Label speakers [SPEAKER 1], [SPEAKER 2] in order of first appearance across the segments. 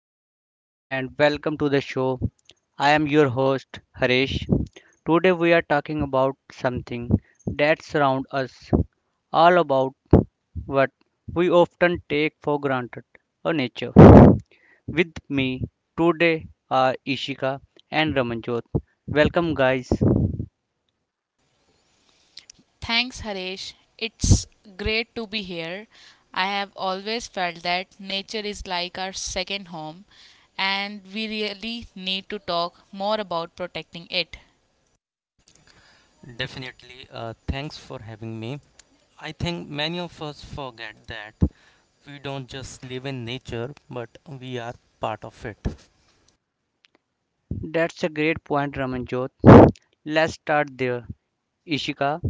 [SPEAKER 1] everyone, and welcome to the show. I am your host, Harish. Today, we are talking about something that surrounds us, all about what we often take for granted our nature. With me today are Ishika and Ramanjot. Welcome, guys.
[SPEAKER 2] Thanks, Harish. It's great to be here. I have always felt that nature is like our second home, and we really need to talk more about protecting it.
[SPEAKER 3] Definitely. Thanks for having me. I think many of us forget that we don't just live in nature, but we are part of it.
[SPEAKER 1] That's a great point, Ramanjot. Let's start there. Ishika,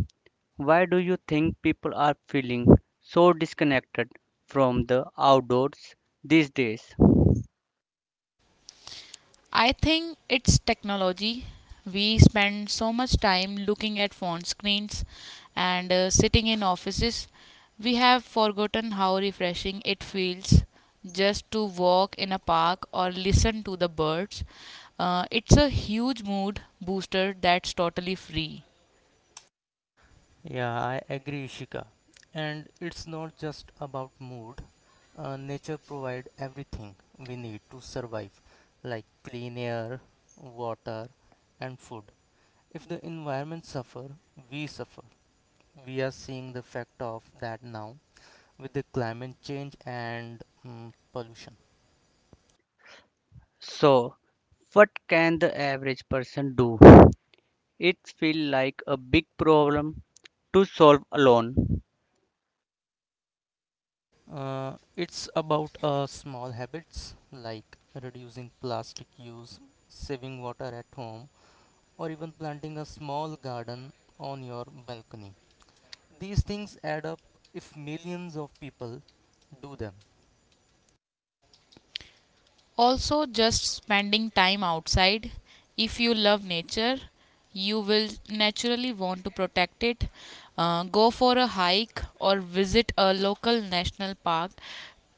[SPEAKER 1] why do you think people are feeling so disconnected from the outdoors these days?
[SPEAKER 2] I think it's technology. We spend so much time looking at phone screens and sitting in offices. We have forgotten how refreshing it feels just to walk in a park or listen to the birds. It's a huge mood booster that's totally free.
[SPEAKER 3] Yeah, I agree, Ishika. And it's not just about mood. Nature provides everything we need to survive, like clean air, water, and food. If the environment suffer. We are seeing the effect of that now with the climate change and pollution.
[SPEAKER 1] So, what can the average person do? It feels like a big problem to solve alone.
[SPEAKER 3] It's about small habits like reducing plastic use, saving water at home, or even planting a small garden on your balcony. These things add up if millions of people do them.
[SPEAKER 2] Also, just spending time outside. If you love nature, you will naturally want to protect it. Go for a hike or visit a local national park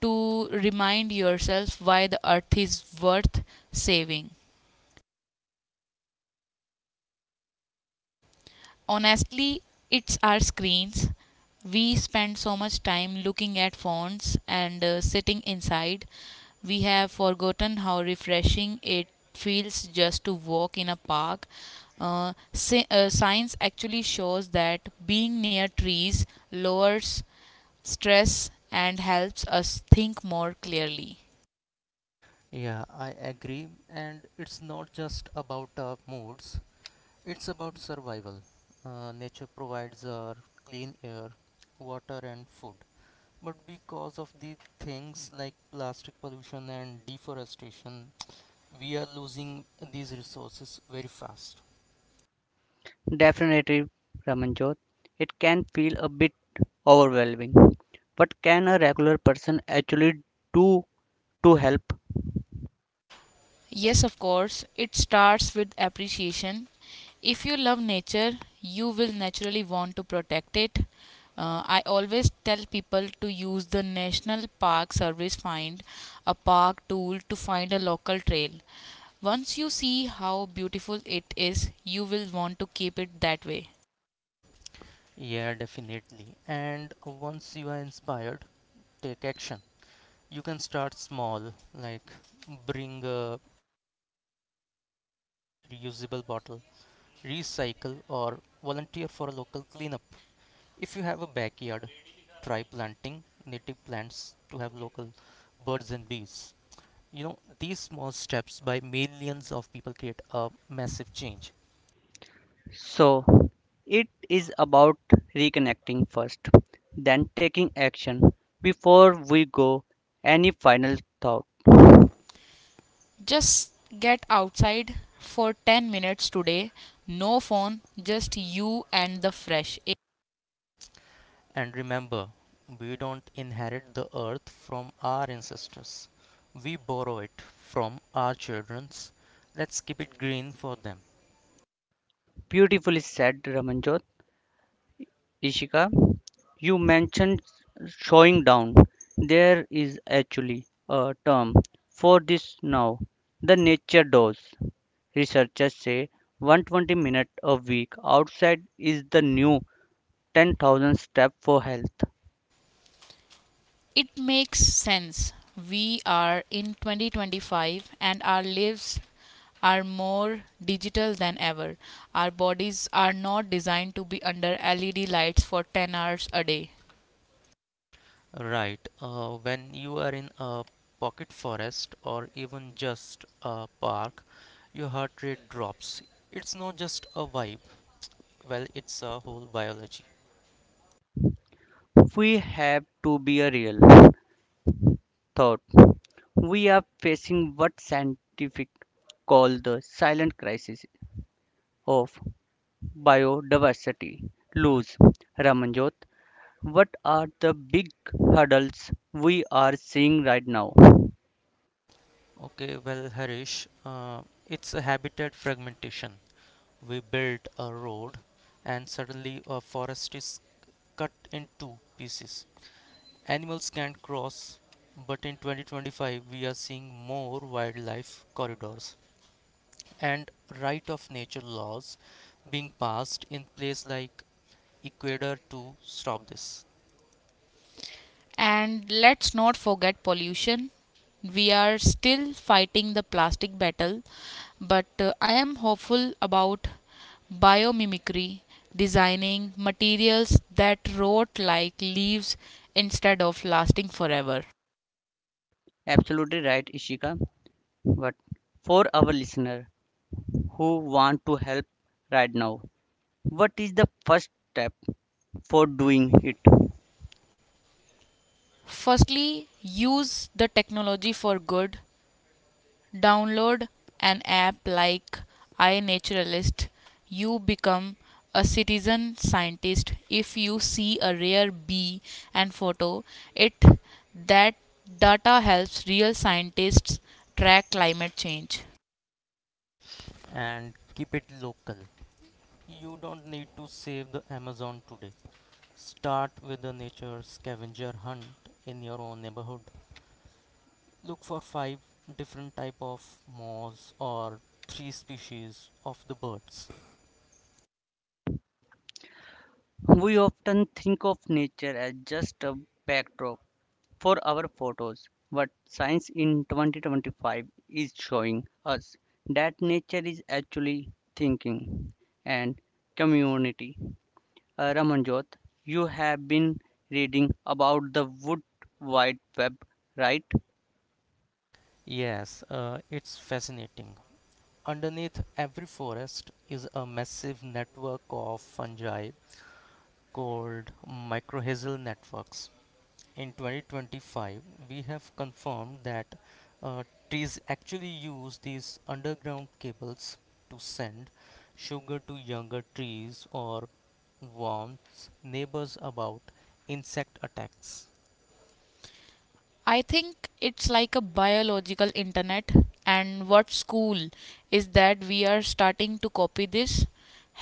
[SPEAKER 2] to remind yourself why the earth is worth saving. Honestly, it's our screens. We spend so much time looking at phones and sitting inside. We have forgotten how refreshing it feels just to walk in a park. Science actually shows that being near trees lowers stress and helps us think more clearly.
[SPEAKER 3] Yeah, I agree. And it's not just about moods, it's about survival. Nature provides our clean air, water, and food. But because of the things like plastic pollution and deforestation, we are losing these resources very fast.
[SPEAKER 1] Definitely, Ramanjot, it can feel a bit overwhelming. What can a regular person actually do to help?
[SPEAKER 2] Yes, of course, it starts with appreciation. If you love nature, you will naturally want to protect it. I always tell people to use the National Park Service Find a Park tool to find a local trail. Once you see how beautiful it is, you will want to keep it that way.
[SPEAKER 3] Yeah, definitely. And once you are inspired, take action. You can start small, like bring a reusable bottle, recycle, or volunteer for a local cleanup. If you have a backyard, try planting native plants to have local birds and bees. You know, these small steps by millions of people create a massive change.
[SPEAKER 1] So it is about reconnecting first, then taking action. Before we go, any final thought?
[SPEAKER 2] Just get outside for 10 minutes today. No phone, just you and the fresh air.
[SPEAKER 3] And remember, we don't inherit the earth from our ancestors. We borrow it from our children's. Let's keep it green for them.
[SPEAKER 1] Beautifully said, Ramanjot. Ishika, you mentioned showing down. There is actually a term for this now. The nature dose. Researchers say 120 minutes a week outside is the new 10,000 step for health.
[SPEAKER 2] It makes sense. We are in 2025 and our lives are more digital than ever. Our bodies are not designed to be under LED lights for 10 hours a day.
[SPEAKER 3] Right, when you are in a pocket forest or even just a park, your heart rate drops. It's not just a vibe, well, it's a whole biology.
[SPEAKER 1] We have to be a real. Third, we are facing what scientific call the silent crisis of biodiversity. Lose, Ramanjot, what are the big hurdles we are seeing right now?
[SPEAKER 3] Okay, well, Harish, it's a habitat fragmentation. We built a road, and suddenly a forest is cut in two pieces. Animals can't cross, but in 2025 we are seeing more wildlife corridors and right of nature laws being passed in places like Ecuador to stop this
[SPEAKER 2] And let's not forget pollution. We are still fighting the plastic battle, but I am hopeful about biomimicry, designing materials that rot like leaves instead of lasting forever.
[SPEAKER 1] Absolutely right, Ishika. But for our listener who want to help right now, what is the first step for doing it?
[SPEAKER 2] Firstly, use the technology for good. Download an app like iNaturalist. You become a citizen scientist. If you see a rare bee and photo it, that data helps real scientists track climate change.
[SPEAKER 3] and keep it local. You don't need to save the Amazon today. Start with a nature scavenger hunt in your own neighborhood. Look for 5 different type of moths or 3 species of the birds.
[SPEAKER 1] We often think of nature as just a backdrop for our photos. But science in 2025 is showing us that nature is actually thinking and community. Ramanjot, you have been reading about the wood wide web, right?
[SPEAKER 3] Yes, it's fascinating. Underneath every forest is a massive network of fungi called mycorrhizal networks. In 2025, we have confirmed that uh, trees actually use these underground cables to send sugar to younger trees or warns neighbors about insect attacks.
[SPEAKER 2] I think it's like a biological internet. And what's cool is that we are starting to copy this.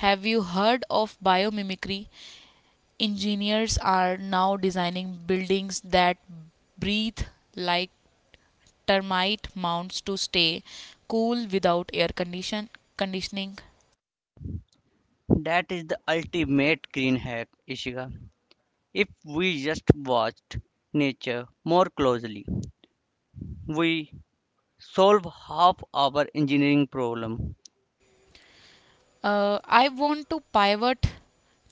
[SPEAKER 2] Have you heard of biomimicry? Engineers are now designing buildings that breathe like termite mounds to stay cool without air condition conditioning.
[SPEAKER 1] That is the ultimate green hack, Ishika. If we just watched nature more closely, we solve half our engineering problem.
[SPEAKER 2] I want to pivot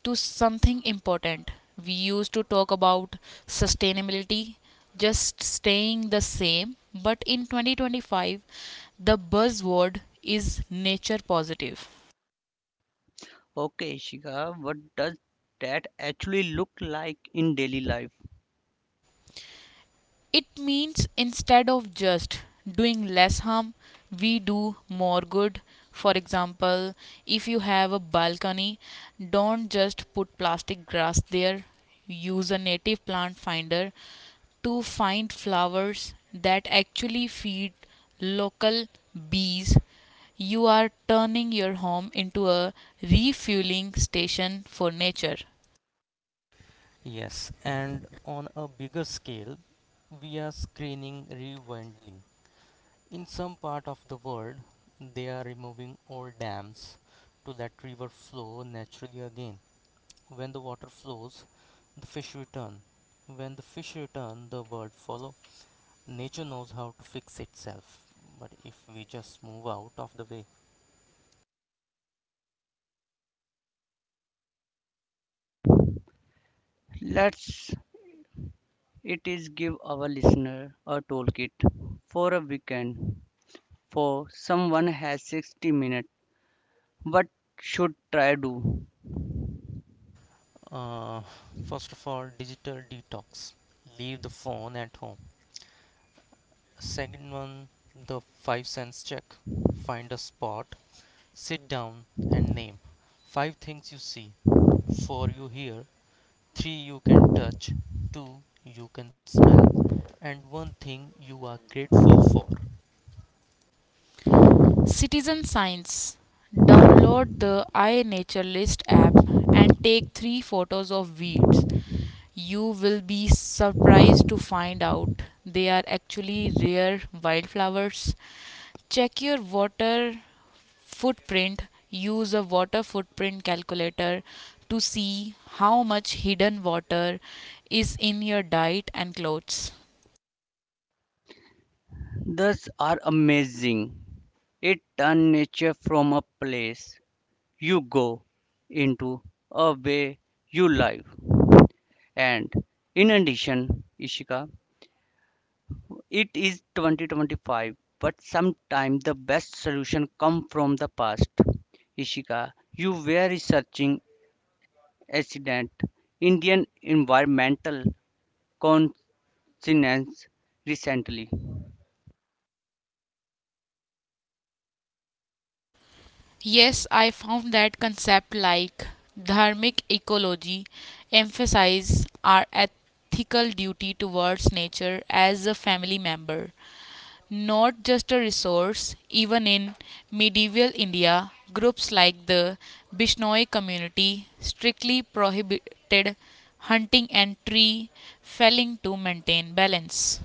[SPEAKER 2] to something important. We used to talk about sustainability, just staying the same, but in 2025, the buzzword is nature positive.
[SPEAKER 1] Okay, Shika, what does that actually look like in daily life?
[SPEAKER 2] It means instead of just doing less harm, we do more good. For example, if you have a balcony, don't just put plastic grass there. Use a native plant finder to find flowers that actually feed local bees. You are turning your home into a refueling station for nature.
[SPEAKER 3] Yes, and on a bigger scale, we are screening rewilding. In some part of the world, they are removing old dams to let river flow naturally again. When the water flows, the fish return. When the fish return, the world follow. Nature knows how to fix itself. But if we just move out of the way,
[SPEAKER 1] Let's it is give our listener a toolkit for a weekend. For someone has 60 minutes, what should try do?
[SPEAKER 3] uh, first of all, digital detox. Leave the phone at home. Second one, the 5 cents check. Find a spot, sit down, and name five things you see, 4 you hear, 3 you can touch, 2 you can smell, and one thing you are grateful for.
[SPEAKER 2] Citizen Science. Download the iNature List app and take three photos of weeds. You will be surprised to find out they are actually rare wildflowers. Check your water footprint. Use a water footprint calculator to see how much hidden water is in your diet and clothes.
[SPEAKER 1] Those are amazing. It turn nature from a place you go into a way you live. And in addition, Ishika, it is 2025, but sometimes the best solution come from the past. Ishika, you were researching accident Indian environmental conscience recently.
[SPEAKER 2] Yes, I found that concept like dharmic ecology emphasize our ethical duty towards nature as a family member, not just a resource. Even in medieval India, groups like the Bishnoi community strictly prohibited hunting and tree felling to maintain balance.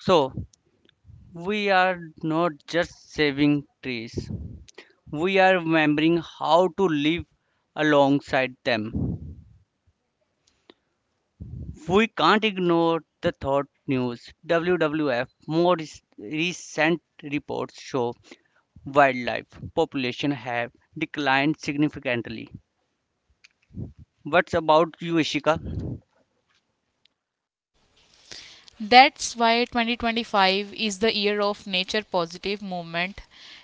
[SPEAKER 1] So, we are not just saving trees, we are remembering how to live alongside them. We can't ignore the thought news. WWF more recent reports show wildlife population have declined significantly. What's about you, Ishika?
[SPEAKER 2] That's why 2025 is the year of nature positive movement.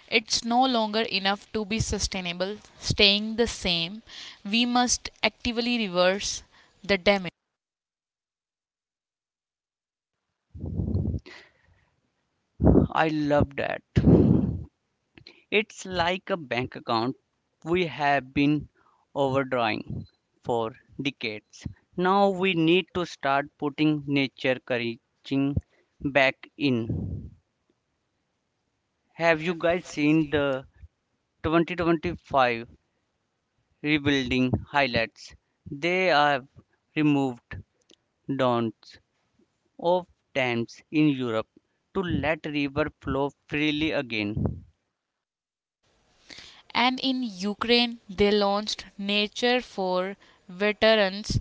[SPEAKER 2] It's no longer enough to be sustainable, staying the same. We must actively reverse the damage.
[SPEAKER 1] I love that. It's like a bank account we have been overdrawing for decades. Now we need to start putting nature coaching back in. Have you guys seen the 2025 rebuilding highlights? They have removed don'ts of dams in Europe to let river flow freely again.
[SPEAKER 2] And in Ukraine, they launched Nature for Veterans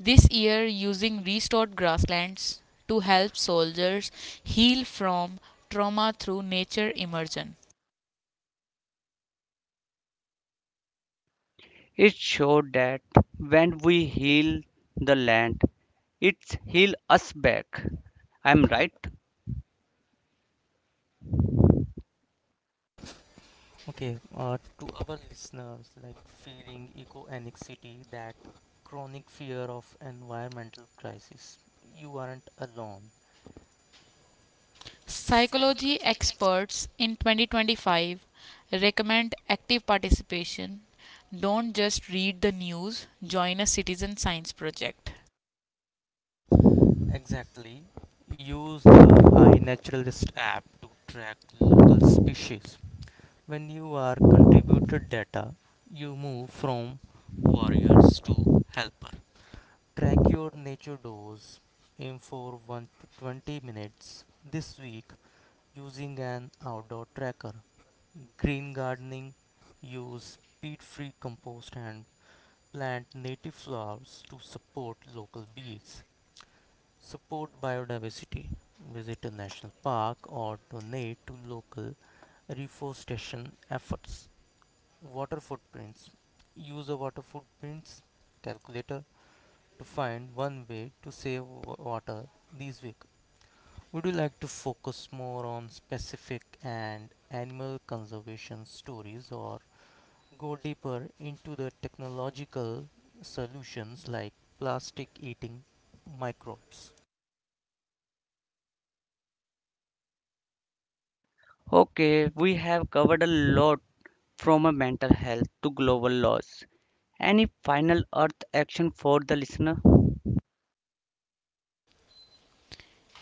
[SPEAKER 2] this year using restored grasslands to help soldiers heal from trauma through nature immersion.
[SPEAKER 1] It showed that when we heal the land, it heals us back. I'm right.
[SPEAKER 3] Okay, to our listeners, like feeling eco anxiety, that chronic fear of environmental crisis, you aren't alone.
[SPEAKER 2] Psychology experts in 2025 recommend active participation. Don't just read the news, join a citizen science project.
[SPEAKER 3] Exactly. Use the iNaturalist app to track local species. When you are contributed data, you move from warriors to helper. Track your nature dose. Aim for 1 to 20 minutes this week using an outdoor tracker. Green gardening. Use peat free compost and plant native flowers to support local bees. Support biodiversity. Visit a national park or donate to local reforestation efforts. Water footprints. Use a water footprints calculator to find one way to save water this week. Would you like to focus more on specific and animal conservation stories or go deeper into the technological solutions like plastic eating microbes?
[SPEAKER 1] Okay, we have covered a lot from a mental health to global laws. Any final earth action for the listener?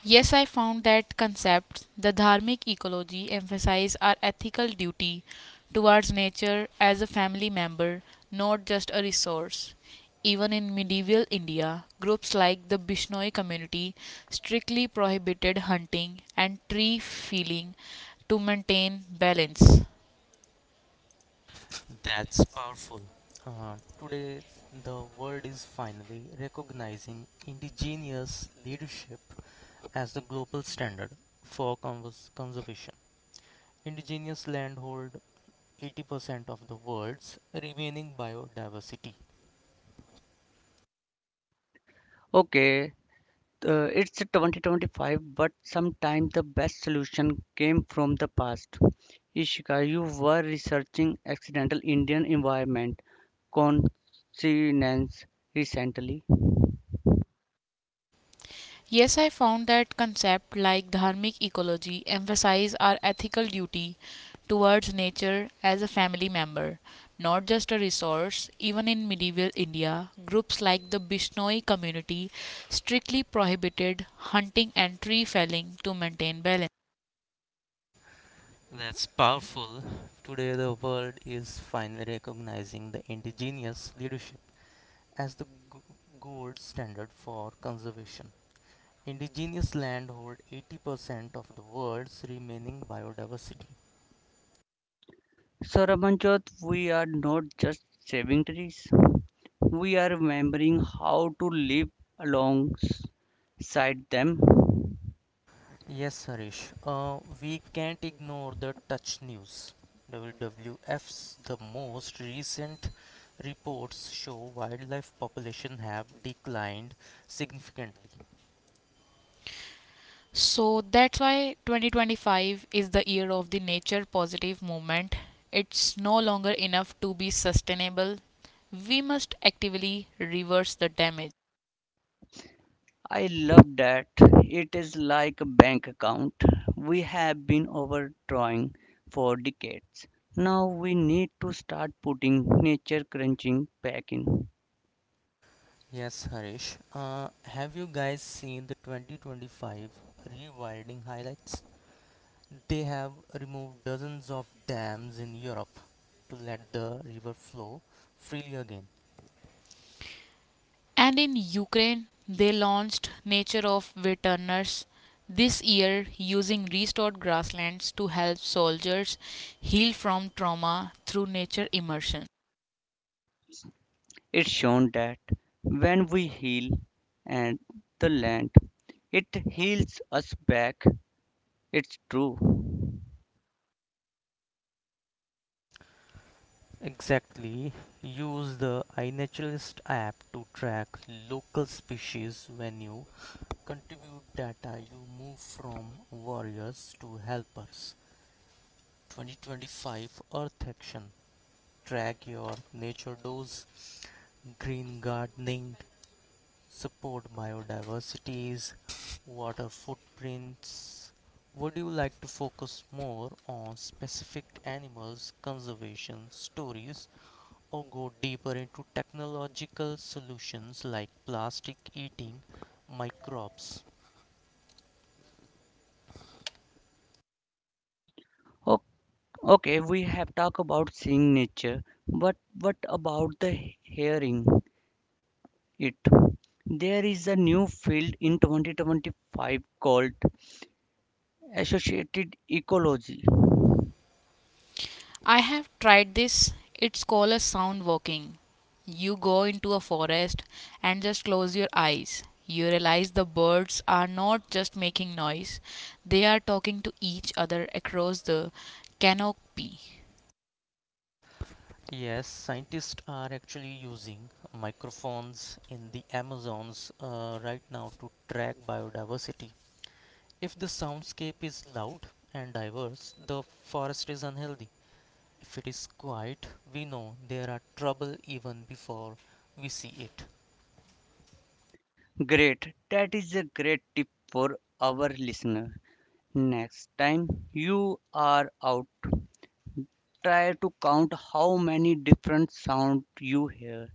[SPEAKER 2] Yes, I found that concepts, the dharmic ecology, emphasize our ethical duty towards nature as a family member, not just a resource. Even in medieval India, groups like the Bishnoi community strictly prohibited hunting and tree felling to maintain balance.
[SPEAKER 3] That's powerful. Today, the world is finally recognizing indigenous leadership as the global standard for conservation. Indigenous landhold 80% of the world's remaining biodiversity.
[SPEAKER 1] Okay, it's 2025, but sometimes the best solution came from the past. Ishika, you were researching accidental Indian environment consciousness recently.
[SPEAKER 2] Yes, I found that concepts like dharmic ecology emphasize our ethical duty towards nature as a family member, not just a resource. Even in medieval India, groups like the Bishnoi community strictly prohibited hunting and tree felling to maintain balance.
[SPEAKER 3] That's powerful. Today, the world is finally recognizing the indigenous leadership as the gold standard for conservation. Indigenous land hold 80% of the world's remaining biodiversity.
[SPEAKER 1] So, Ramanjot, we are not just saving trees, we are remembering how to live alongside them.
[SPEAKER 3] Yes, Harish. We can't ignore the touch news. WWF's the most recent reports show wildlife population have declined significantly.
[SPEAKER 2] So that's why 2025 is the year of the nature positive movement. It's no longer enough to be sustainable. We must actively reverse the damage.
[SPEAKER 1] I love that. It is like a bank account. We have been overdrawing for decades. Now we need to start putting nature crunching back in.
[SPEAKER 3] Yes, Harish. Have you guys seen the 2025 rewilding highlights? They have removed dozens of dams in Europe to let the river flow freely again.
[SPEAKER 2] And in Ukraine, they launched Nature of Returners this year using restored grasslands to help soldiers heal from trauma through nature immersion.
[SPEAKER 1] It's shown that when we heal and the land, it heals us back. It's true.
[SPEAKER 3] Exactly. Use the iNaturalist app to track local species. When you contribute data you move from warriors to helpers. 2025 Earth Action. Track your nature dose, green gardening, support biodiversities, water footprints. Would you like to focus more on specific animals conservation stories or go deeper into technological solutions like plastic eating microbes?
[SPEAKER 1] Okay, we have talked about seeing nature, but what about the hearing it? There is a new field in 2025 called associated ecology.
[SPEAKER 2] I have tried this. It's called a sound walking. You go into a forest and just close your eyes. You realize the birds are not just making noise, they are talking to each other across the canopy.
[SPEAKER 3] Yes, scientists are actually using microphones in the Amazons right now to track biodiversity. If the soundscape is loud and diverse, the forest is unhealthy. If it is quiet, we know there are trouble even before we see it.
[SPEAKER 1] Great, that is a great tip for our listener. Next time you are out try to count how many different sounds you hear.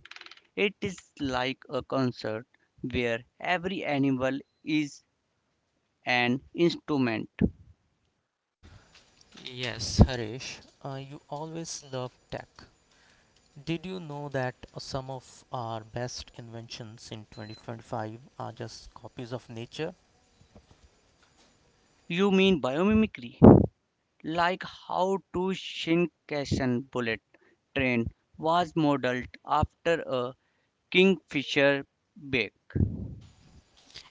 [SPEAKER 1] It is like a concert where every animal is an instrument.
[SPEAKER 3] Yes, Harish, you always love tech. Did you know that some of our best inventions in 2025 are just copies of nature?
[SPEAKER 1] You mean biomimicry? Like how to Shinkansen bullet train was modeled after a kingfisher beak.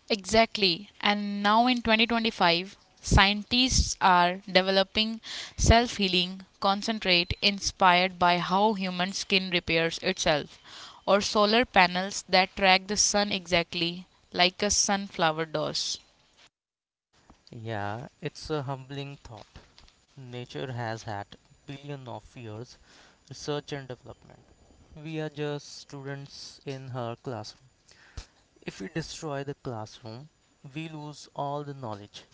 [SPEAKER 2] Exactly. And now in 2025, scientists are developing self healing concentrate inspired by how human skin repairs itself, or solar panels that track the sun exactly like a sunflower does.
[SPEAKER 3] Yeah, it's a humbling thought. Nature has had billion of years research and development. We are just students in her classroom. If we destroy the classroom, we lose all the knowledge.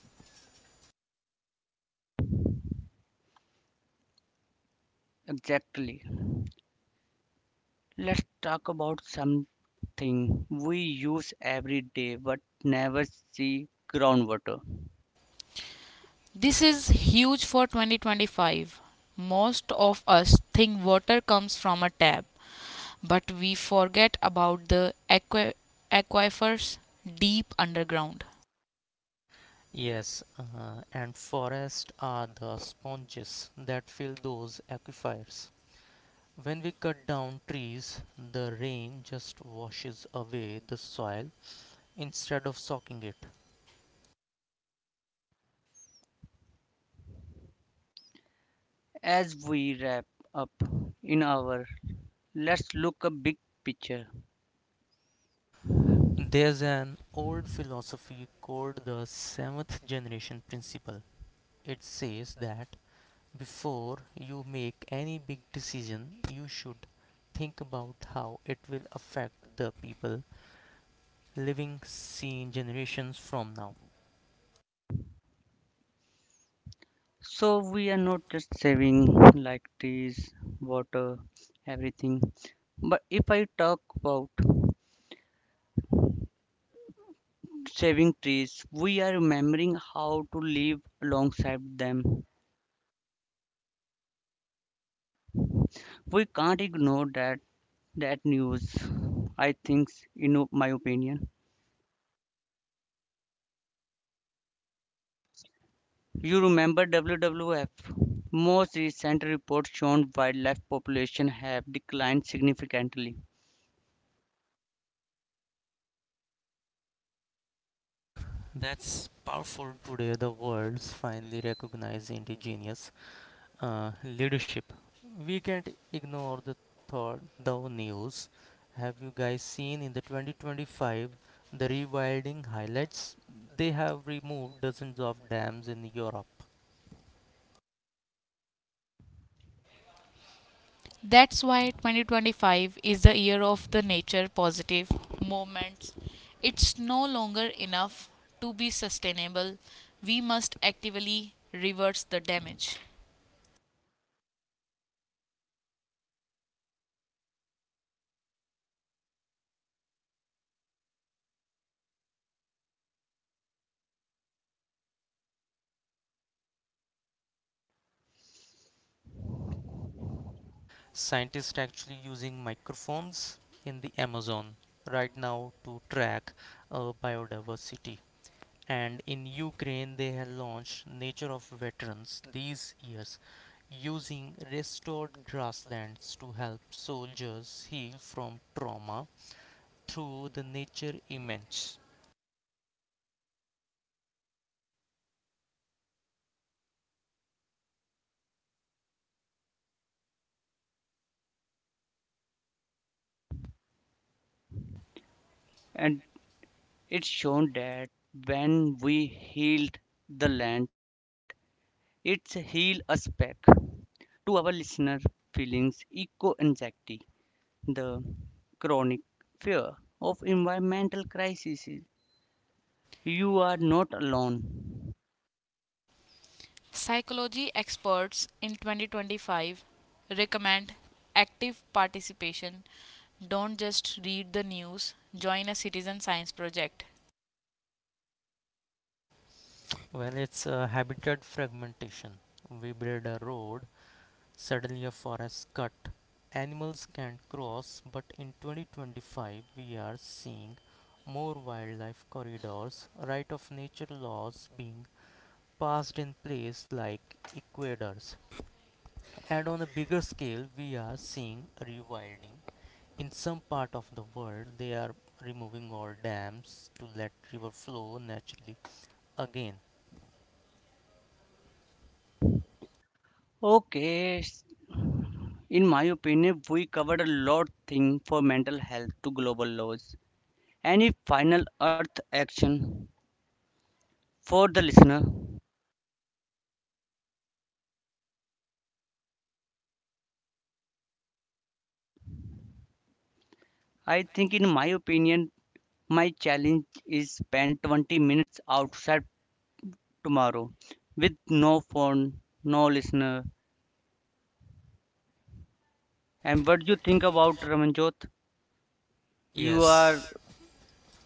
[SPEAKER 1] Exactly. Let's talk about something we use every day but never see groundwater.
[SPEAKER 2] This is huge for 2025. Most of us think water comes from a tap, but we forget about the aquifers deep underground.
[SPEAKER 3] Yes, and forests are the sponges that fill those aquifers. When we cut down trees, the rain just washes away the soil instead of soaking it.
[SPEAKER 1] As we wrap up in our let's look a big picture
[SPEAKER 3] There's an old philosophy called the seventh generation principle. It says that before you make any big decision, you should think about how it will affect the people living seen generations from now.
[SPEAKER 1] so we are not just saving like trees water everything but if I talk about saving trees we are remembering how to live alongside them we can't ignore that news I think in my opinion you remember WWF most recent reports shown wildlife population have declined significantly.
[SPEAKER 3] That's powerful today. The world's finally recognize indigenous leadership. We can't ignore the the news. Have you guys seen in the 2025 the rewilding highlights? They have removed dozens of dams in Europe.
[SPEAKER 2] That's why 2025 is the year of the nature positive movements. It's no longer enough to be sustainable. We must actively reverse the damage.
[SPEAKER 3] Scientists actually using microphones in the Amazon right now to track biodiversity. And in Ukraine they have launched Nature of Veterans these years using restored grasslands to help soldiers heal from trauma through the nature events.
[SPEAKER 1] And it's shown that when we healed the land, it's healed us back to our listener feelings eco anxiety, the chronic fear of environmental crises. You are not alone.
[SPEAKER 2] Psychology experts in 2025 recommend active participation. Don't just read the news, join a citizen science project.
[SPEAKER 3] Well, it's a habitat fragmentation. We build a road, suddenly a forest cut. Animals can't cross, but in 2025 we are seeing more wildlife corridors, right of nature laws being passed in places like Equators. And on a bigger scale, we are seeing rewilding. In some part of the world, they are removing all dams to let river flow naturally again.
[SPEAKER 1] Okay, in my opinion, we covered a lot thing for mental health to global laws. Any final earth action for the listener? I think, in my opinion, my challenge is spend 20 minutes outside tomorrow with no phone, no listener. And what do you think about Ramanjot? You are
[SPEAKER 3] Yes,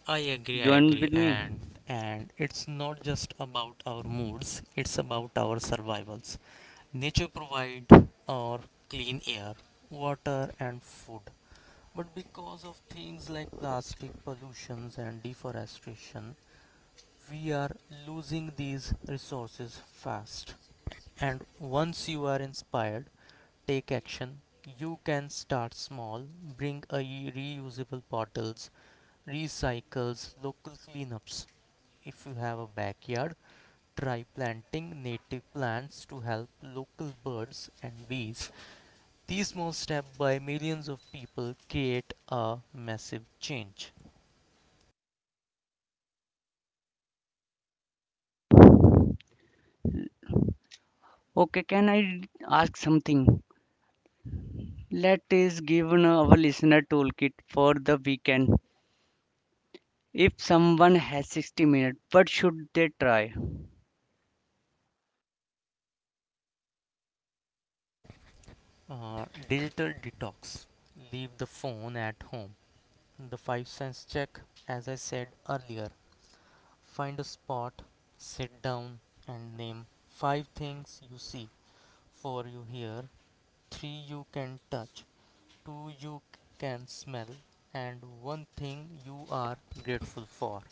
[SPEAKER 3] I agree, I
[SPEAKER 1] joined
[SPEAKER 3] agree.
[SPEAKER 1] with me.
[SPEAKER 3] And it's not just about our moods, it's about our survivals. Nature provides our clean air, water and food. But because of things like plastic pollutions and deforestation, we are losing these resources fast. And once you are inspired, take action. You can start small, bring a reusable bottles, recycles, local cleanups. If you have a backyard, try planting native plants to help local birds and bees. These small steps by millions of people create a massive change.
[SPEAKER 1] Okay, can I ask something? Let us give an- our listener toolkit for the weekend. If someone has 60 minutes, what should they try?
[SPEAKER 3] Digital detox. Leave the phone at home. The 5 cents check, as I said earlier, find a spot, sit down, and name five things you see, four you hear, three you can touch, two you can smell, and one thing you are grateful for.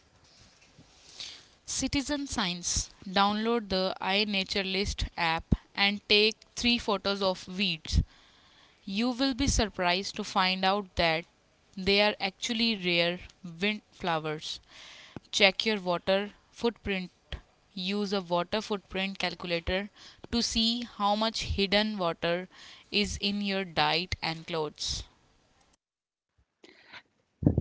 [SPEAKER 2] Citizen Science. Download the iNaturalist app and take three photos of weeds. You will be surprised to find out that they are actually rare wildflowers. Check your water footprint. Use a water footprint calculator to see how much hidden water is in your diet and clothes.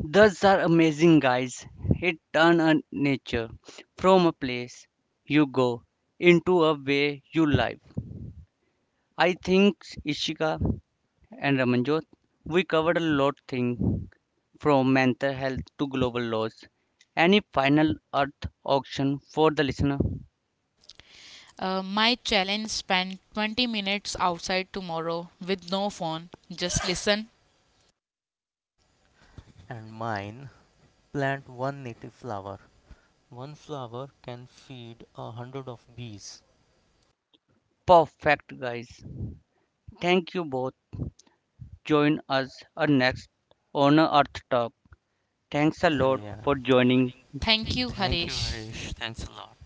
[SPEAKER 1] Those are amazing, guys. It turns a nature from a place you go into a way you live. I think Ishika and Ramanjot, we covered a lot thing from mental health to global laws. Any final earth auction for the listener?
[SPEAKER 2] My challenge spend 20 minutes outside tomorrow with no phone. Just listen.
[SPEAKER 3] And mine, plant one native flower. One flower can feed 100 of bees.
[SPEAKER 1] Perfect guys. Thank you both. Join us our next on Earth Talk. Thanks a
[SPEAKER 3] Thanks a
[SPEAKER 1] lot
[SPEAKER 3] yeah. lot.
[SPEAKER 1] for joining
[SPEAKER 2] Thank you,
[SPEAKER 3] Thank you,
[SPEAKER 2] Harish.
[SPEAKER 3] Harish. Thanks a lot.